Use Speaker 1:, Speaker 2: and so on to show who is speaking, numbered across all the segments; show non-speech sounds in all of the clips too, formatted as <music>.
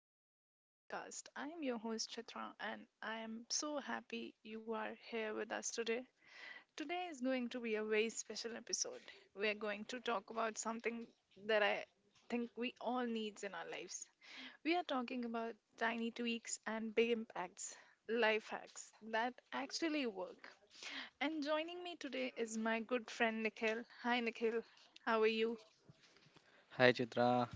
Speaker 1: back to the podcast. I am your host, Chitra, and I am so happy you are here with us today. Today is going to be a very special episode. We are going to talk about something that I think we all needs in our lives. We are talking about tiny tweaks and big impacts, life hacks that actually work. And joining me today is my good friend Nikhil. Hi, Nikhil. How are you?
Speaker 2: Hi Chitra,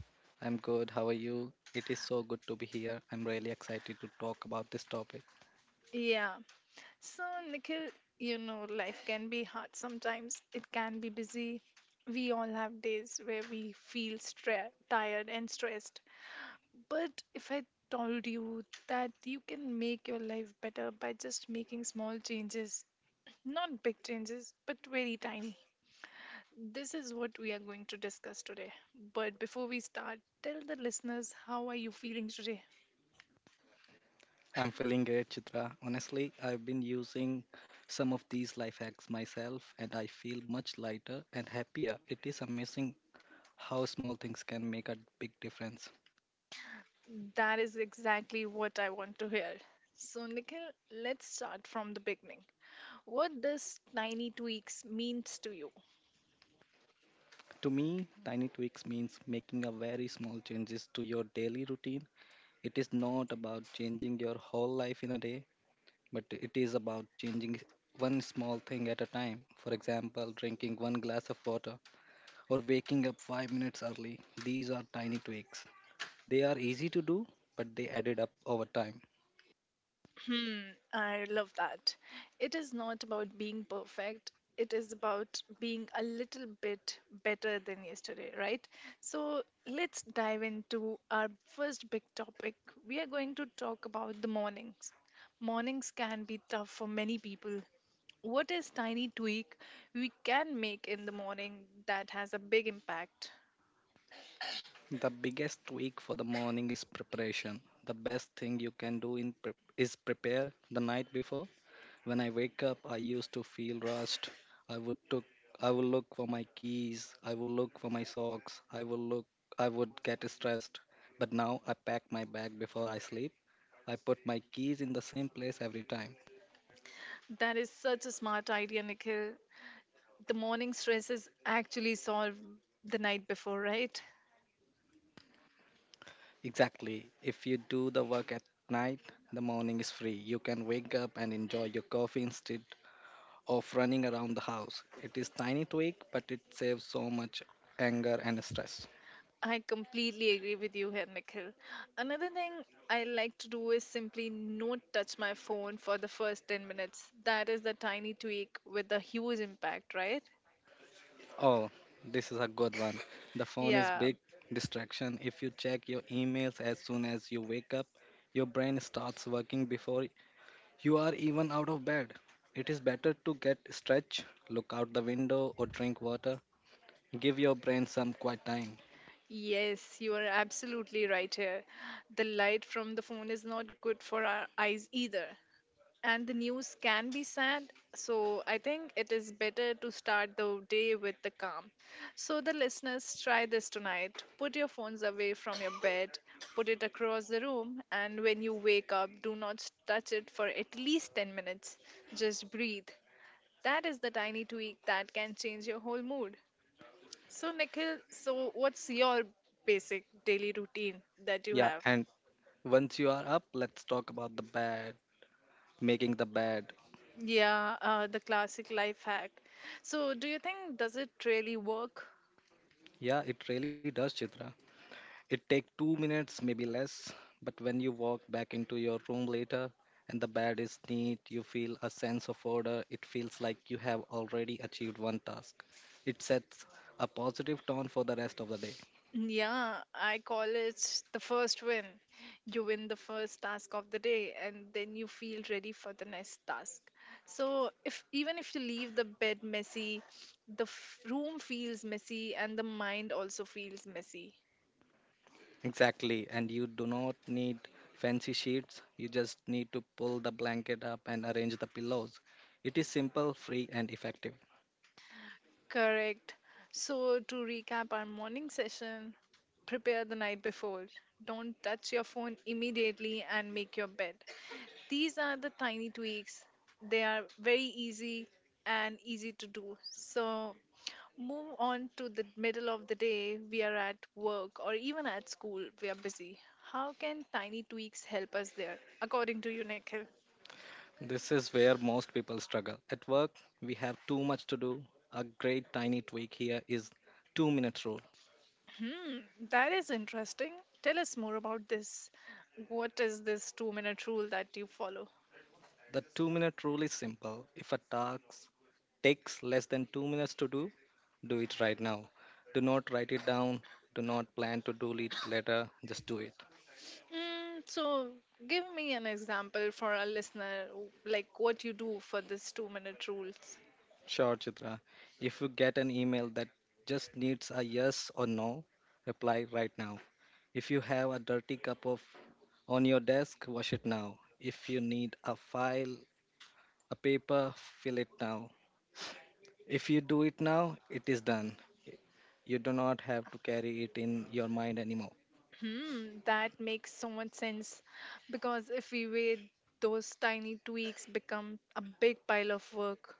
Speaker 2: I'm good. How are you? It is so good to be here. I'm really excited to talk about this topic.
Speaker 1: Yeah. So, Nikhil, you know, life can be hard sometimes. It can be busy. We all have days where we feel tired and stressed. But if I told you that you can make your life better by just making small changes, not big changes, but very tiny. This is what we are going to discuss today. But before we start, tell the listeners how are you feeling today?
Speaker 2: I'm feeling great, Chitra. Honestly, I've been using some of these life hacks myself and I feel much lighter and happier. It is amazing how small things can make a big difference.
Speaker 1: That is exactly what I want to hear. So, Nikhil, let's start from the beginning. What does tiny tweaks means to you?
Speaker 2: To me, tiny tweaks means making a very small changes to your daily routine. It is not about changing your whole life in a day, but it is about changing one small thing at a time. For example, drinking one glass of water or waking up 5 minutes early. These are tiny tweaks. They are easy to do, but they added up over time.
Speaker 1: Hmm, I love that. It is not about being perfect. It is about being a little bit better than yesterday, right? So let's dive into our first big topic. We are going to talk about the mornings. Mornings can be tough for many people. What is tiny tweak we can make in the morning that has a big impact?
Speaker 2: The biggest week for the morning is preparation. The best thing you can do in prep is prepare the night before. When I wake up, I used to feel rushed. I would took I would look for my keys. I would look for my socks. I would get stressed. But now I pack my bag before I sleep. I put my keys in the same place every time.
Speaker 1: That is such a smart idea, Nikhil. The morning stress is actually solved the night before, right?
Speaker 2: Exactly. If you do the work at night, the morning is free. You can wake up and enjoy your coffee instead of running around the house. It is tiny tweak, but it saves so much anger and stress.
Speaker 1: I completely agree with you here, Nikhil. Another thing I like to do is simply not touch my phone for the first 10 minutes. That is the tiny tweak with the huge impact, right?
Speaker 2: Oh, this is a good one. The phone is
Speaker 1: Yeah.
Speaker 2: big distraction. If you check your emails as soon as you wake up, your brain starts working before you are even out of bed. It is better to get stretch, look out the window or drink water. Give your brain some quiet time.
Speaker 1: Yes, you are absolutely right here. The light from the phone is not good for our eyes either, and the news can be sad, so I think it is better to start the day with the calm. So the listeners, try this tonight. Put your phones away from your bed, put it across the room, and when you wake up, do not touch it for at least 10 minutes. Just breathe. That is the tiny tweak that can change your whole mood. So Nikhil, so what's your basic daily routine that you
Speaker 2: Yeah,
Speaker 1: have?
Speaker 2: and once you are up, let's talk about the bed, making the bed.
Speaker 1: Yeah, the classic life hack. So, do you think does it really work?
Speaker 2: Yeah, it really does, Chitra. It takes 2 minutes, maybe less, but when you walk back into your room later and the bed is neat, you feel a sense of order. It feels like you have already achieved one task. It sets a positive tone for the rest of the day.
Speaker 1: Mm, yeah, I call it the first win. You win the first task of the day and then you feel ready for the next task. So, if even if you leave the bed messy, the room feels messy and the mind also feels messy.
Speaker 2: Exactly, and you do not need fancy sheets, you just need to pull the blanket up and arrange the pillows. It is simple, free, and effective.
Speaker 1: Correct. So, to recap our morning session, prepare the night before. Don't touch your phone immediately and make your bed. These are the tiny tweaks. They are very easy and easy to do. So, move on to the middle of the day. We are at work or even at school. We are busy. How can tiny tweaks help us there, according to you, Nikhil?
Speaker 2: This is where most people struggle. At work, we have too much to do. A great tiny tweak here is 2-minute rule.
Speaker 1: Hmm, that is interesting. Tell us more about this. What is this 2 minute rule that you follow?
Speaker 2: The 2-minute rule is simple. If a task takes less than 2 minutes to do, do it right now. Do not write it down. Do not plan to do it later. Just do it.
Speaker 1: Mm, so, give me an example for a listener, like what you do for this 2 minute rules.
Speaker 2: Sure, Chitra. If you get an email that just needs a yes or no, reply right now. If you have a dirty cup of on your desk, wash it now. If you need a file, a paper, fill it now. If you do it now, it is done. You do not have to carry it in your mind anymore.
Speaker 1: Hmm, that makes so much sense, because if we wait, those tiny tweaks become a big pile of work.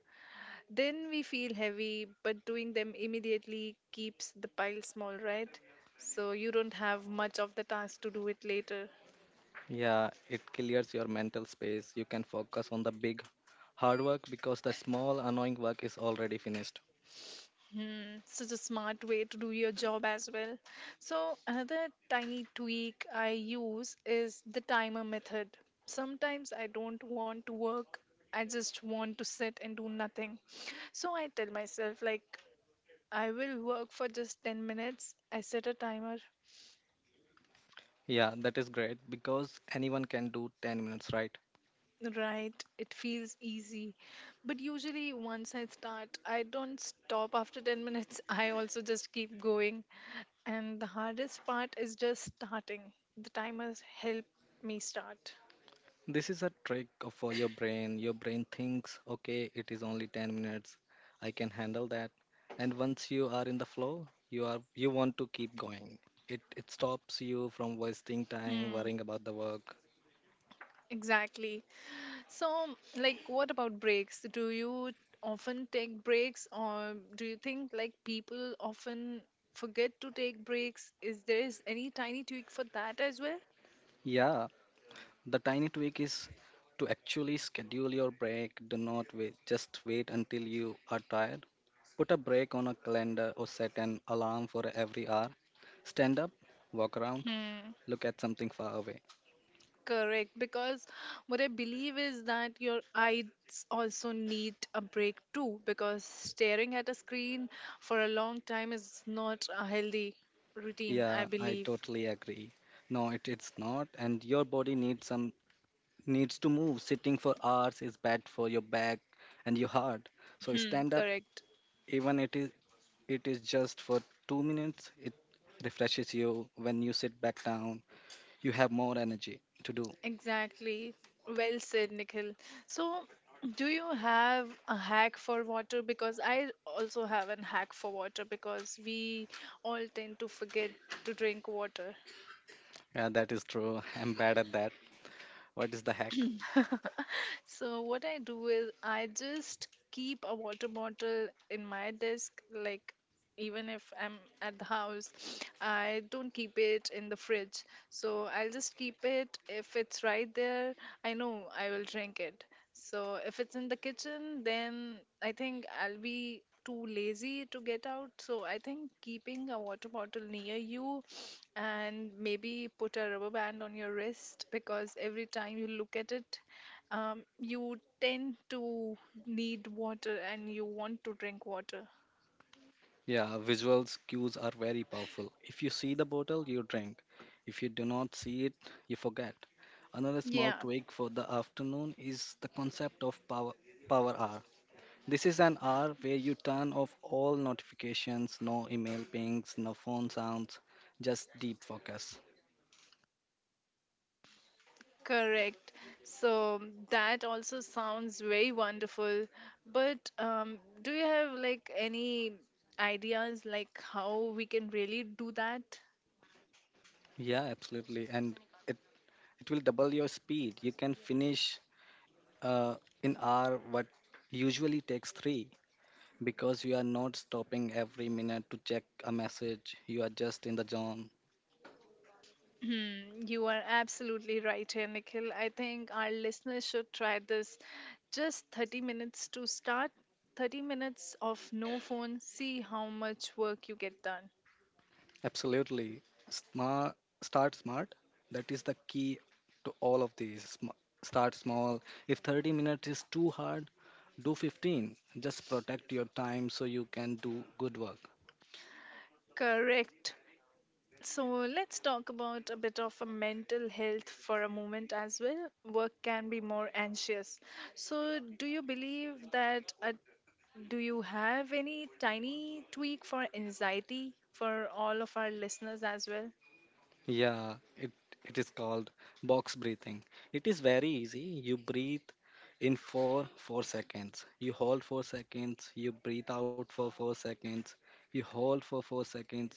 Speaker 1: Then we feel heavy, but doing them immediately keeps the pile small, right? So you don't have much of the task to do it later.
Speaker 2: Yeah, it clears your mental space. You can focus on the big hard work because the small annoying work is already finished.
Speaker 1: Hmm, such a smart way to do your job as well. So, another tiny tweak I use is the timer method. Sometimes I don't want to work, I just want to sit and do nothing. So, I tell myself, like, I will work for just 10 minutes. I set a timer.
Speaker 2: Yeah, that is great because anyone can do 10 minutes, right?
Speaker 1: Right, it feels easy. But usually, once I start, I don't stop after 10 minutes. <laughs> I also just keep going. And the hardest part is just starting. The timers help me start.
Speaker 2: This is a trick for your brain. Your brain thinks, okay, it is only 10 minutes. I can handle that. And once you are in the flow, you want to keep going. It stops you from wasting time
Speaker 1: Hmm,
Speaker 2: worrying about the work.
Speaker 1: exactly. So, like, what about breaks? Do you often take breaks, or do you think like people often forget to take breaks? Is there is any tiny tweak for that as well?
Speaker 2: Yeah, the tiny tweak is to actually schedule your break. Do not wait, just wait until you are tired. Put a break on a calendar or set an alarm for every hour. Stand up, walk around,
Speaker 1: Hmm.
Speaker 2: look at something far away.
Speaker 1: Correct, because what I believe is that your eyes also need a break too, because staring at a screen for a long time is not a healthy routine, I
Speaker 2: Yeah, I
Speaker 1: believe.
Speaker 2: totally agree. No, it's not, and your body needs to move. Sitting for hours is bad for your back and your heart. So
Speaker 1: Hmm,
Speaker 2: stand up,
Speaker 1: correct.
Speaker 2: even it is just for 2 minutes. It refreshes you when you sit back down, you have more energy to do.
Speaker 1: Exactly. Well said, Nikhil. So, do you have a hack for water? Because I also have a hack for water because we all tend to forget to drink water.
Speaker 2: Yeah, that is true. <laughs> I'm bad at that. What is the hack?
Speaker 1: So what I do is I just keep a water bottle in my desk, like, even if I'm at the house, I don't keep it in the fridge. So I'll just keep it. If it's right there, I know I will drink it. So if it's in the kitchen, then I think I'll be too lazy to get out. So I think keeping a water bottle near you and maybe put a rubber band on your wrist, because every time you look at it, you tend to need water and you want to drink water.
Speaker 2: Yeah, visuals cues are very powerful. If you see the bottle, you drink. If you do not see it, you forget. Another small
Speaker 1: Yeah.
Speaker 2: tweak for the afternoon is the concept of power hour. This is an hour where you turn off all notifications, no email pings, no phone sounds, just deep focus.
Speaker 1: Correct. So that also sounds very wonderful. But do you have like any ideas like how we can really do that?
Speaker 2: Yeah, absolutely. And it, it will double your speed. You can finish uh, in our what usually takes three because you are not stopping every minute to check a message. You are just in the zone.
Speaker 1: Hmm, you are absolutely right here, Nikhil. I think our listeners should try this. Just 30 minutes to start, 30 minutes of no phone, see how much work you get done.
Speaker 2: Absolutely. Smart, start smart. That is the key to all of these. Start small. If 30 minutes is too hard, do 15. Just protect your time so you can do good work.
Speaker 1: Correct. So let's talk about a bit of a mental health for a moment as well. Work can be more anxious. So do you believe that do you have any tiny tweak for anxiety for all of our listeners as well?
Speaker 2: Yeah, it is called box breathing. It is very easy. You breathe in for 4 seconds. You hold 4 seconds. You breathe out for 4 seconds. You hold for 4 seconds.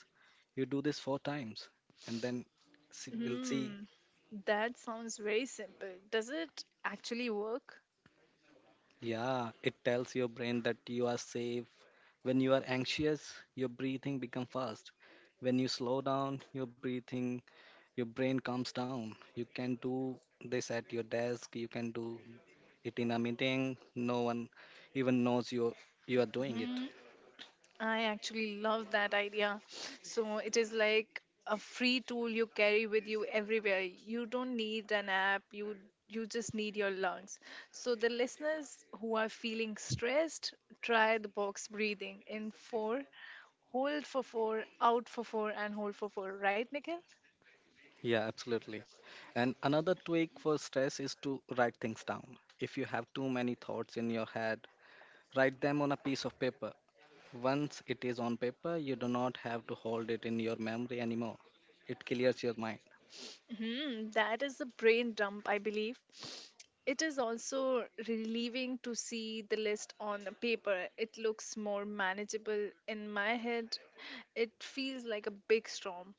Speaker 2: You do this 4 times. And then see, we'll see.
Speaker 1: Hmm. That sounds very simple. Does it actually work?
Speaker 2: Yeah, it tells your brain that you are safe. When you are anxious, your breathing becomes fast. When you slow down your breathing, your brain calms down. You can do this at your desk, you can do it in a meeting. No one even knows you are doing it.
Speaker 1: I actually love that idea. So it is like a free tool you carry with you everywhere. You don't need an app. You just need your lungs. So the listeners who are feeling stressed, try the box breathing in four, hold for four, out for four, and hold for four. Right, Nikhil?
Speaker 2: Yeah, absolutely. And another tweak for stress is to write things down. If you have too many thoughts in your head, write them on a piece of paper. Once it is on paper, you do not have to hold it in your memory anymore. It clears your mind.
Speaker 1: Hmm, that is a brain dump, I believe. It is also relieving to see the list on the paper. It looks more manageable in my head. It feels like a big storm.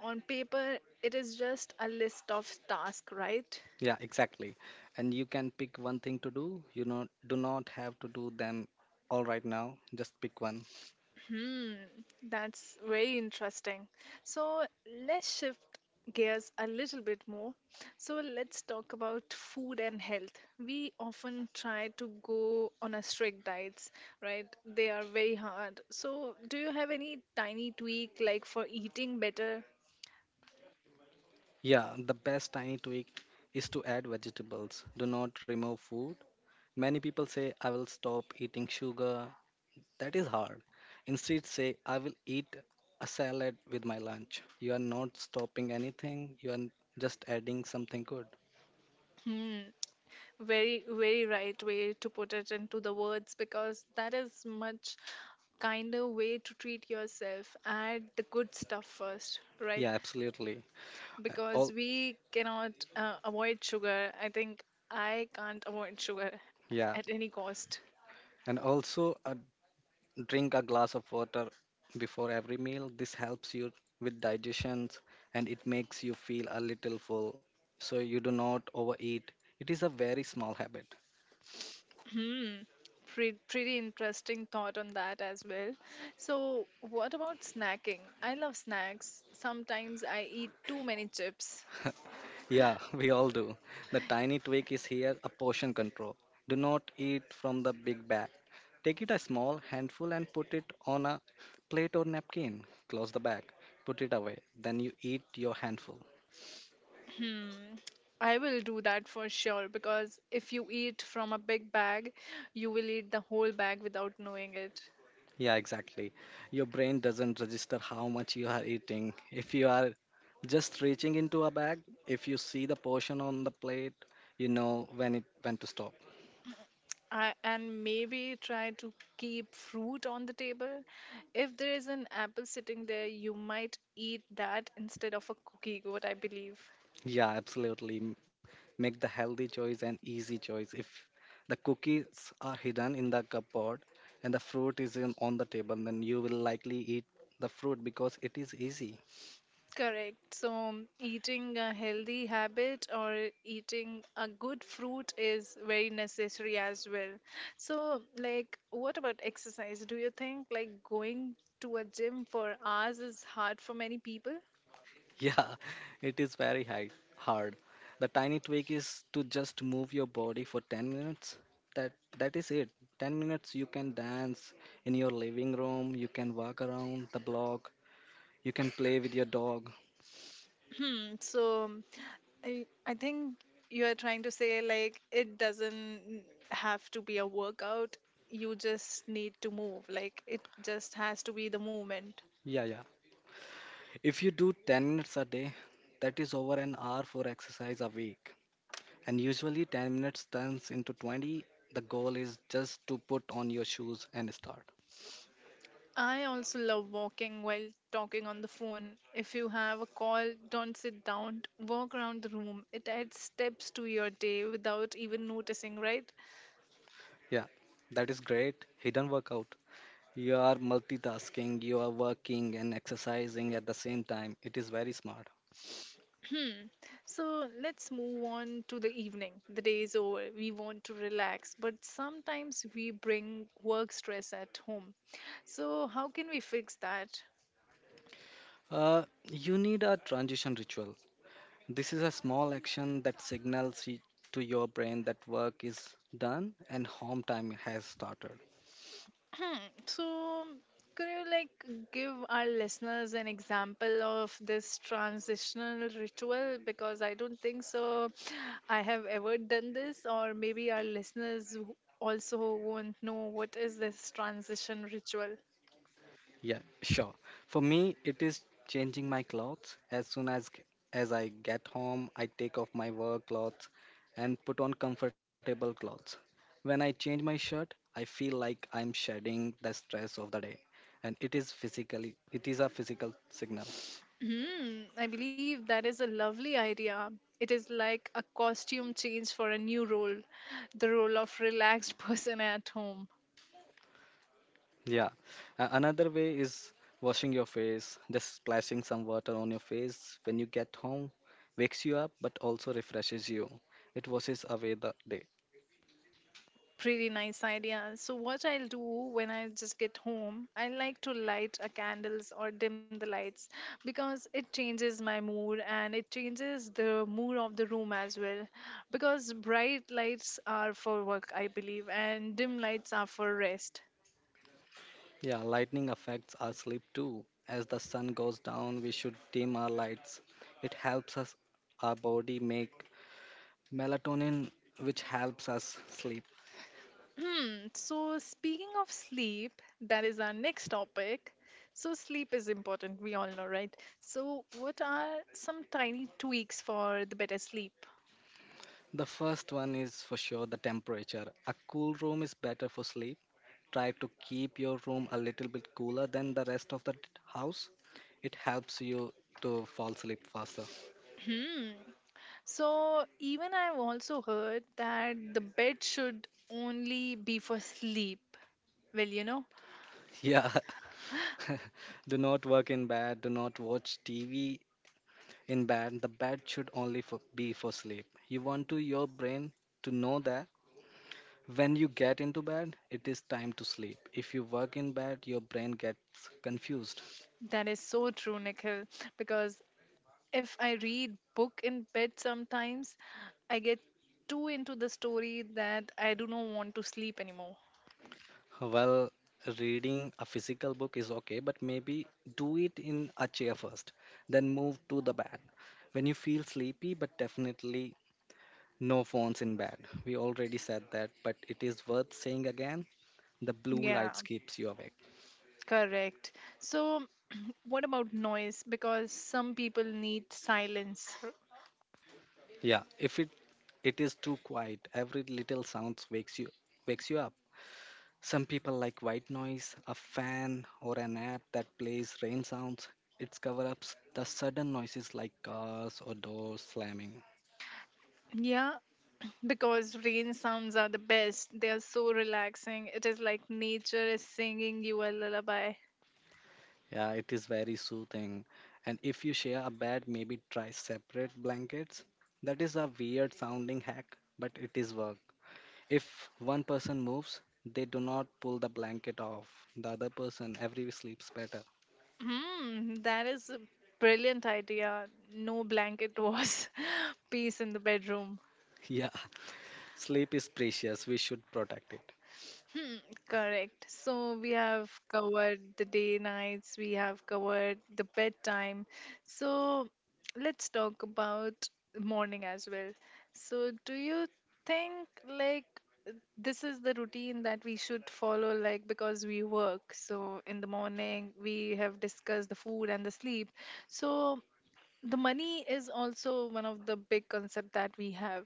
Speaker 1: On paper, it is just a list of tasks, right?
Speaker 2: Yeah, exactly. And you can pick one thing to do. Do not have to do them all right now. Just pick one.
Speaker 1: Hmm, that's very interesting. So let's shift gears a little bit more. So let's talk about food and health. We often try to go on a strict diets, right? They are very hard. So do you have any tiny tweak like for eating better?
Speaker 2: Yeah, the best tiny tweak is to add vegetables. Do not remove food. Many people say, I will stop eating sugar. That is hard. Instead, say, I will eat a salad with my lunch. You are not stopping anything, you are just adding something good.
Speaker 1: Hmm, very very right way to put it into the words, because that is much kinder way to treat yourself. Add the good stuff first, right?
Speaker 2: Yeah, absolutely. And
Speaker 1: Because
Speaker 2: all,
Speaker 1: we cannot avoid sugar. I think I can't avoid sugar
Speaker 2: yeah.
Speaker 1: <laughs> at any cost.
Speaker 2: And also, drink a glass of water before every meal. This helps you with digestion and it makes you feel a little full so you do not overeat. It is a very small habit.
Speaker 1: Hmm. Pretty, pretty interesting thought on that as well. So, what about snacking? I love snacks. Sometimes I eat too many chips.
Speaker 2: Yeah, <laughs> we all do. The tiny tweak is here a portion control. Do not eat from the big bag. Take it a small handful and put it on a plate or napkin. Close the bag, put it away. Then you eat your handful.
Speaker 1: Hmm. I will do that for sure, because if you eat from a big bag, you will eat the whole bag without knowing it.
Speaker 2: Yeah, exactly. Your brain doesn't register how much you are eating. If you are just reaching into a bag, if you see the portion on the plate, you know when to stop.
Speaker 1: And maybe try to keep fruit on the table. If there is an apple sitting there, you might eat that instead of a cookie, what I believe.
Speaker 2: Yeah, absolutely. Make the healthy choice an easy choice. If the cookies are hidden in the cupboard and the fruit is on the table, then you will likely eat the fruit because it is easy.
Speaker 1: Correct. So, eating a healthy habit or eating a good fruit is very necessary as well. So, like, what about exercise? Do you think like going to a gym for hours is hard for many people?
Speaker 2: Yeah, <laughs> it is very hard. The tiny tweak is to just move your body for 10 minutes. That that is it. 10 minutes you can dance in your living room, you can walk around the block, you can play with your dog.
Speaker 1: Hmm, so I think you are trying to say like it doesn't have to be a workout. You just need to move. Like it just has to be the movement.
Speaker 2: Yeah, yeah. If you do 10 minutes a day, that is over an hour for exercise a week. And usually 10 minutes turns into 20. The goal is just to put on your shoes and start.
Speaker 1: I also love walking while talking on the phone. If you have a call, don't sit down. Walk around the room. It adds steps to your day without even noticing, right?
Speaker 2: Yeah, that is great hidden workout. You are multitasking, you are working and exercising at the same time. It is very smart.
Speaker 1: Hmm. So let's move on to the evening. The day is over. We want to relax, but sometimes we bring work stress at home. So how can we fix that? <clears throat>
Speaker 2: Uh, you need a transition ritual. This is a small action that signals to your brain that work is done and home time has started.
Speaker 1: Hmm. So could you like give our listeners an example of this transitional ritual? Because I don't think so. I have ever done this, or maybe our listeners also won't know what is this transition ritual.
Speaker 2: Yeah, sure. For me, it is changing my clothes. As soon as I get home, I take off my work clothes and put on comfortable clothes. When I change my shirt, I feel like I'm shedding the stress of the day, and it is a physical signal.
Speaker 1: Hmm, I believe that is a lovely idea. It is like a costume change for a new role, the role of relaxed <laughs> person at home.
Speaker 2: Yeah. Another way is washing your face, just splashing some water on your face when you get home wakes you up but also refreshes you. It washes away the day.
Speaker 1: Pretty nice idea. So what I'll do when I just get home, I like to light a candles or dim the lights because it changes my mood and it changes the mood of the room as well. Because bright lights are for work, I believe, and dim lights are for rest.
Speaker 2: Yeah, lightning affects our sleep too. As the sun goes down, we should dim our lights. It helps us our body make melatonin which helps us sleep.
Speaker 1: Hmm. So, speaking of sleep, that is our next topic. So, sleep is important, we all know, right? So, what are some tiny tweaks for the better sleep?
Speaker 2: The first one is for sure the temperature. A cool room is better for sleep. Try to keep your room a little bit cooler than the rest of the house. It helps you to fall asleep faster.
Speaker 1: So, even I've also heard that the bed should only be for sleep. Well, you know,
Speaker 2: Yeah. <laughs> Do not work in bed, do not watch TV in bed. The bed should be for sleep. You want to your brain to know that when you get into bed, it is time to sleep. If you work in bed, your brain gets confused.
Speaker 1: that is so true, Nikhil, because if I read book in bed sometimes, I get too into the story that I do not want to sleep anymore.
Speaker 2: Well, reading a physical book is okay, but maybe do it in a chair first, then move to the bed. When you feel sleepy, but definitely no phones in bed. We already said that, but it is worth saying again. The blue
Speaker 1: Yeah.
Speaker 2: lights keeps you awake.
Speaker 1: Correct. So, what about noise? Because some people need silence.
Speaker 2: Yeah, if it is too quiet, every little sounds wakes you up. Some people like white noise, a fan or an app that plays rain sounds. It's cover ups the sudden noises like cars or doors slamming.
Speaker 1: Yeah, because rain sounds are the best. They are so relaxing. It is like nature is singing you a lullaby.
Speaker 2: Yeah, it is very soothing. And if you share a bed, maybe try separate blankets. That is a weird sounding hack, but it is work. If one person moves, they do not pull the blanket off. The other person every sleeps better.
Speaker 1: That is a brilliant idea. No blanket was <laughs> peace in the bedroom.
Speaker 2: <laughs> Yeah. Sleep is precious. We should protect it.
Speaker 1: Correct. So we have covered the day nights, we have covered the bedtime. So let's talk about morning as well. So do you think like this is the routine that we should follow like because we work. So in the morning we have discussed the food and the sleep. So the money is also one of the big concept that we have,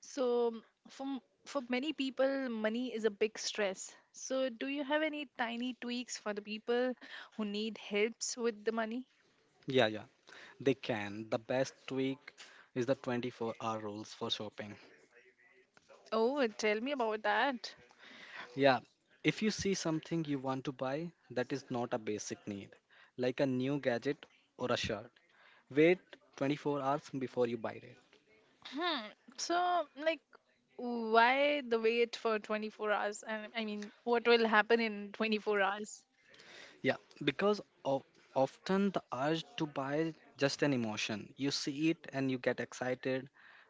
Speaker 1: so for many people money is a big stress, so do you have any tiny tweaks for the people who need helps with the money?
Speaker 2: Yeah, yeah. They can. The best tweak is the 24-hour rules for shopping.
Speaker 1: Oh, tell me about that.
Speaker 2: Yeah. If you see something you want to buy that is not a basic need, like a new gadget or a shirt, wait 24 hours before you buy it.
Speaker 1: hmm so like, why the wait for 24 hours? And I mean, what will happen in 24 hours?
Speaker 2: Yeah, because of often the urge to buy just an emotion. You see it and you get excited,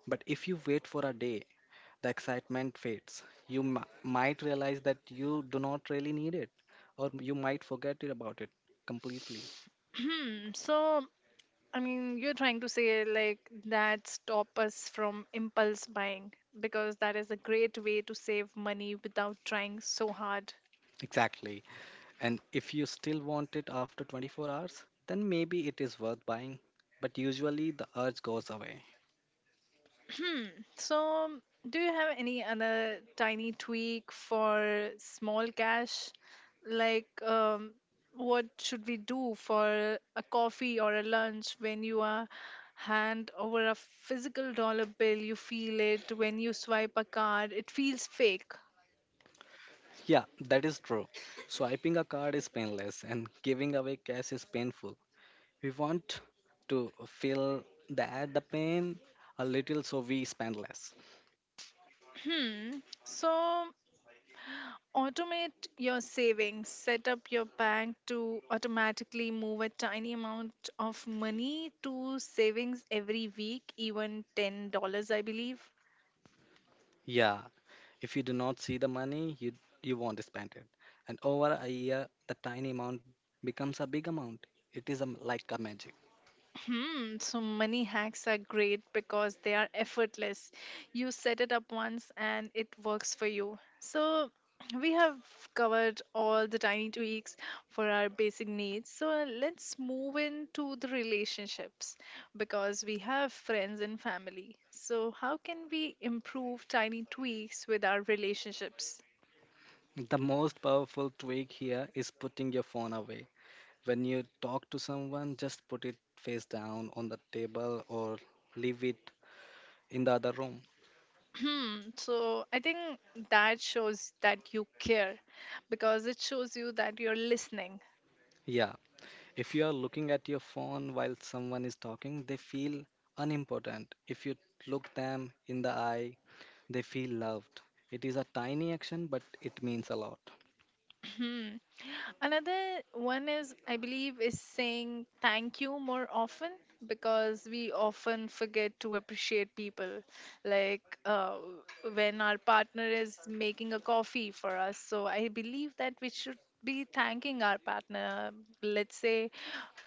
Speaker 2: but if you wait for a day, the excitement fades. You might realize that you do not really need it, or you might forget it about it completely.
Speaker 1: Hmm. So I mean, you're trying to say like that stop us from impulse buying, because that is a great way to save money without trying so hard.
Speaker 2: Exactly. And if you still want it after 24 hours, then maybe it is worth buying. But usually the urge goes away.
Speaker 1: So, do you have any other tiny tweak for small cash? Like, what should we do for a coffee or a lunch when you are hand over a physical dollar bill? You feel it when you swipe a card, it feels fake.
Speaker 2: Yeah, that is true. Swiping a card is painless and giving away cash is painful. We want to feel that the pain a little so we spend less.
Speaker 1: Hmm. So, automate your savings. Set up your bank to automatically move a tiny amount of money to savings every week, even $10, I believe.
Speaker 2: Yeah, if you do not see the money, you won't spend it. And over a year, the tiny amount becomes a big amount. It is a, like a magic.
Speaker 1: Hmm, so money hacks are great because they are effortless. You set it up once and it works for you. So <clears throat> we have covered all the tiny tweaks for our basic needs. So let's move into the relationships because we have friends and family. So how can we improve tiny tweaks with our relationships?
Speaker 2: The most powerful tweak here is putting your phone away. When you talk to someone, just put it face down on the table or leave it in the other room.
Speaker 1: Hmm, so I think that shows that you care because it shows you that you're listening.
Speaker 2: Yeah, if you are looking at your phone while someone is talking, they feel unimportant. If you look them in the eye, they feel loved. It is a tiny action, but it means a lot.
Speaker 1: Another one is, I believe, is saying thank you more often because we often forget to appreciate people. Like when our partner is making a coffee for us. So I believe that we should be thanking our partner. Let's say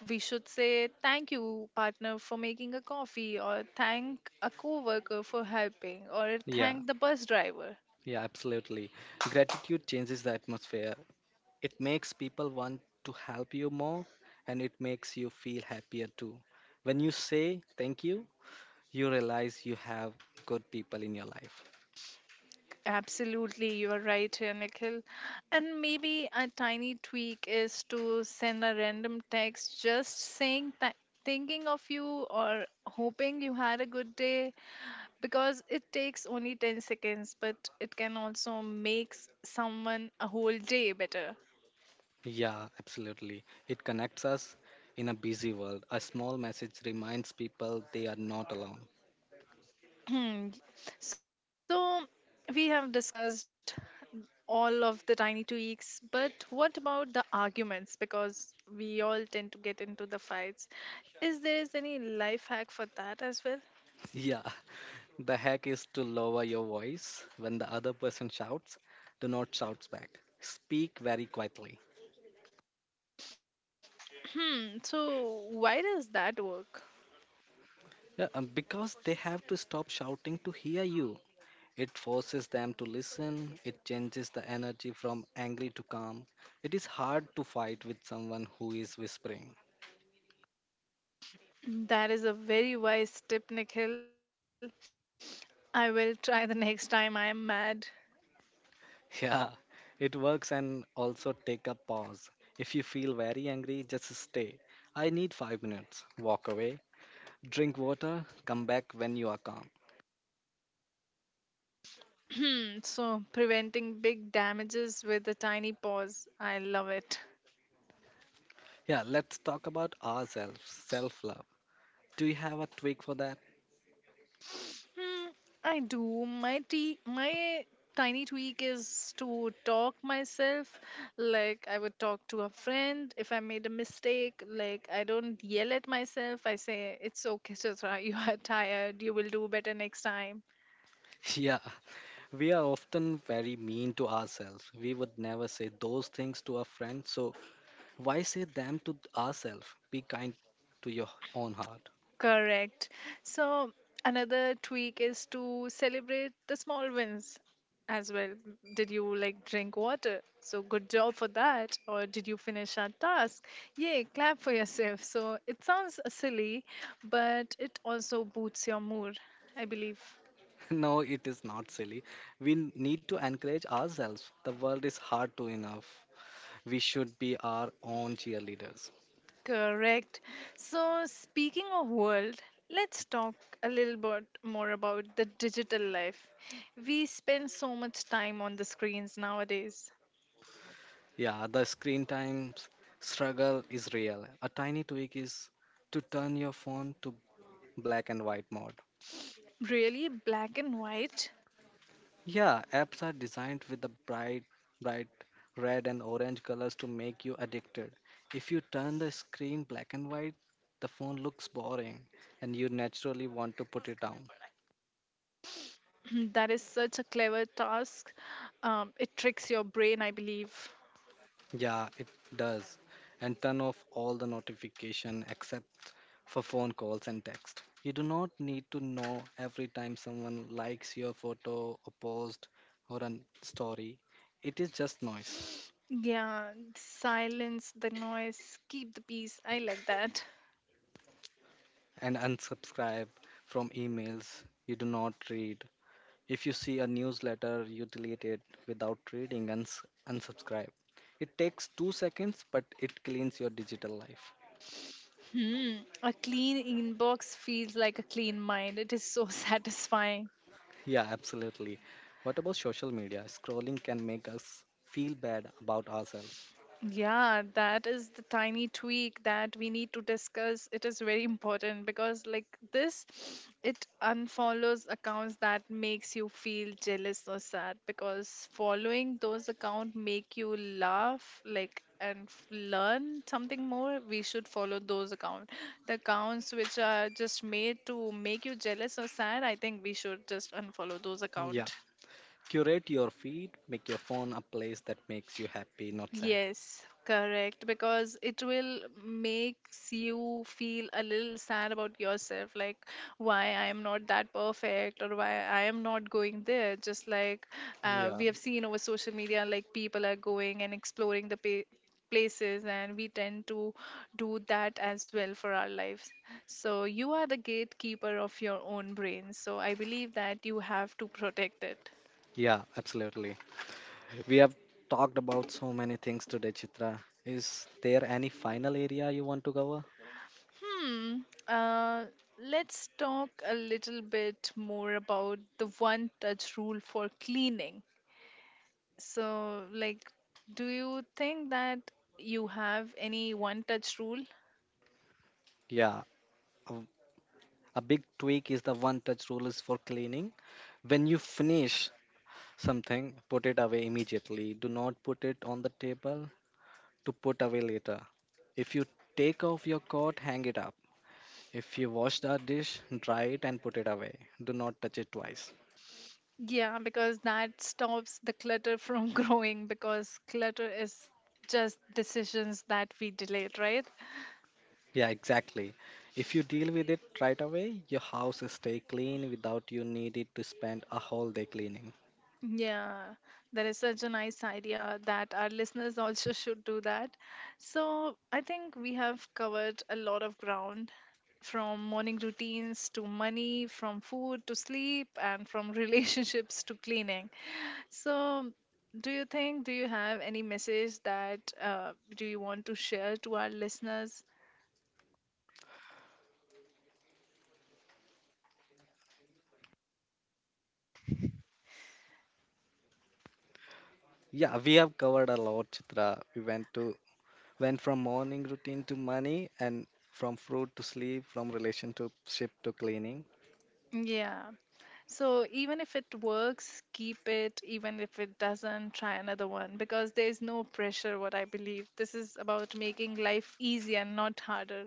Speaker 1: we should say thank you, partner, for making a coffee, or thank a coworker for helping, or
Speaker 2: Yeah,
Speaker 1: thank the bus driver.
Speaker 2: yeah, absolutely. Gratitude changes the atmosphere. It makes people want to help you more and it makes you feel happier too. When you say thank you, you realize you have good people in your life.
Speaker 1: Absolutely, you are right here, Nikhil. And maybe a tiny tweak is to send a random text just saying that thinking of you or hoping you had a good day, because it takes only 10 seconds, but it can also make someone a whole day better.
Speaker 2: Yeah, absolutely. It connects us in a busy world. A small message reminds people they are not alone. <laughs>
Speaker 1: Hmm. So we have discussed all of the tiny tweaks, but what about the arguments? Because we all tend to get into the fights. Is there is any life hack for that as well?
Speaker 2: Yeah, the hack is to lower your voice when the other person shouts. Do not shout back. Speak very quietly.
Speaker 1: Hmm. So why does that work?
Speaker 2: Yeah, because they have to stop shouting to hear you. It forces them to listen. It changes the energy from angry to calm. It is hard to fight with someone who is whispering.
Speaker 1: That is a very wise tip, Nikhil. I will try the next time I am mad.
Speaker 2: Yeah, it works and also take a pause. If you feel very angry, just stay. I need 5 minutes. Walk away, drink water, come back when you are calm.
Speaker 1: <clears throat> So preventing big damages with a tiny pause. I love it.
Speaker 2: Yeah, let's talk about ourselves, self love. Do you have a tweak for that?
Speaker 1: Hmm, I do. My tiny tweak is to talk myself. Like I would talk to a friend if I made a mistake. Like I don't yell at myself. I say it's okay, Chitra. <laughs> You are tired. You will do better next time.
Speaker 2: <laughs> Yeah, we are often very mean to ourselves. We would never say those things to a friend, so why say them to ourselves? Be kind to your own heart.
Speaker 1: Correct. So another tweak is to celebrate the small wins as well. Did you like drink water? So good job for that. Or did you finish our task? Yay, clap for yourself. So it sounds silly, but it also boosts your mood, I believe.
Speaker 2: <laughs> No, it is not silly. We need to encourage ourselves. The world is hard to enough. We should be our own cheerleaders.
Speaker 1: Correct. So speaking of world, let's talk a little bit more about the digital life. We spend so much time on the screens nowadays.
Speaker 2: Yeah, the screen time s- struggle is real. A tiny tweak is to turn your phone to black and white mode.
Speaker 1: Really, black and white?
Speaker 2: Yeah, apps are designed with the bright red and orange colors to make you addicted. If you turn the screen black and white, the phone looks boring and you naturally want to put it down.
Speaker 1: <clears throat> That is such a clever task. It tricks your brain, I believe.
Speaker 2: Yeah, it does. And turn off all the notification except for phone calls and text. You do not need to know every time someone likes your photo, a post, or a story. It is just noise.
Speaker 1: Yeah, silence the noise, keep the peace. I like that.
Speaker 2: And unsubscribe from emails you do not read. If you see a newsletter, you delete it without reading and unsubscribe. It takes 2 seconds, but it cleans your digital life.
Speaker 1: Hmm, a clean inbox feels like a clean mind. It is so <laughs> satisfying.
Speaker 2: Yeah, absolutely. What about social media? Scrolling can make us feel bad about ourselves.
Speaker 1: Yeah, that is the tiny tweak that we need to discuss. It is very important because like this, it unfollows accounts that makes you feel jealous or sad, because following those accounts make you laugh like learn something more. We should follow those accounts. The accounts which are just made to make you jealous or sad, I think we should just unfollow those
Speaker 2: Yeah,
Speaker 1: accounts.
Speaker 2: curate your feed, make your phone a place that makes you happy, not sad.
Speaker 1: Yes, correct. Because it will makes you feel a little sad about yourself, like why I am not that perfect or why I am not going there. Just like,
Speaker 2: Yeah,
Speaker 1: we have seen over social media, like people are going and exploring places, and we tend to do that as well for our lives. So you are the gatekeeper of your own brain. So I believe that you have to protect it.
Speaker 2: yeah, absolutely. We have talked about so many things today, Chitra. Is there any final area you want to cover?
Speaker 1: Hmm. Uh, let's talk a little bit more about the one touch rule for cleaning. So, like, do you think that you have any one touch rule?
Speaker 2: Yeah, a, a big tweak is the one touch rule is for cleaning. When you finish something, put it away immediately. Do not put it on the table, to put away later. If you take off your coat, hang it up. If you wash the dish, dry it and put it away. Do not touch it twice.
Speaker 1: Yeah, because that stops the clutter from <laughs> growing, because clutter is just decisions that we delayed, right?
Speaker 2: Yeah, exactly. If you deal with it right away, your house will stay clean without you needed to spend a whole day cleaning.
Speaker 1: Yeah, that is such a nice idea that our listeners also <laughs> should do that. So, I think we have covered a lot of ground from morning routines to money, from food to sleep, and from <laughs> relationships to cleaning. So, do you have any message that do you want to share to our listeners?
Speaker 2: Yeah, we have covered a lot, Chitra. We went from morning routine to money and from fruit to sleep, from relationship to cleaning.
Speaker 1: Yeah. So even if it works, keep it. Even if it doesn't, try another one, because there's no pressure, what I believe. This is about making life easier, not harder.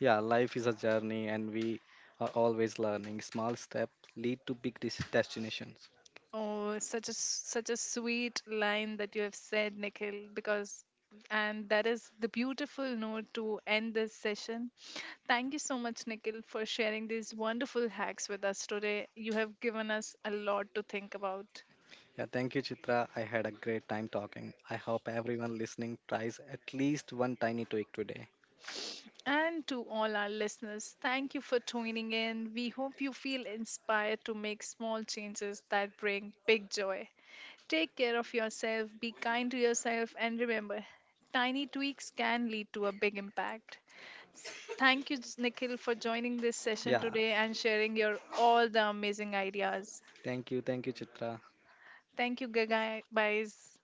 Speaker 2: Yeah, life is a journey and we are always learning. Small steps lead to big destinations.
Speaker 1: Oh, such a such a sweet line that you have said, Nikhil, because and that is the beautiful note to end this session. Thank you so much, Nikhil, for sharing these wonderful hacks with us today. You have given us a lot to think about.
Speaker 2: Yeah, thank you, Chitra. I had a great time talking. I hope everyone listening tries at least one tiny tweak today.
Speaker 1: And to all our listeners, thank you for tuning in. We hope you feel inspired to make small changes that bring big joy. Take care of yourself, be kind to yourself, and remember, tiny tweaks can lead to a big impact. Thank you, Nikhil, for joining this session
Speaker 2: Yeah,
Speaker 1: today and sharing your all the amazing ideas.
Speaker 2: thank you, Chitra.
Speaker 1: Thank you, guys.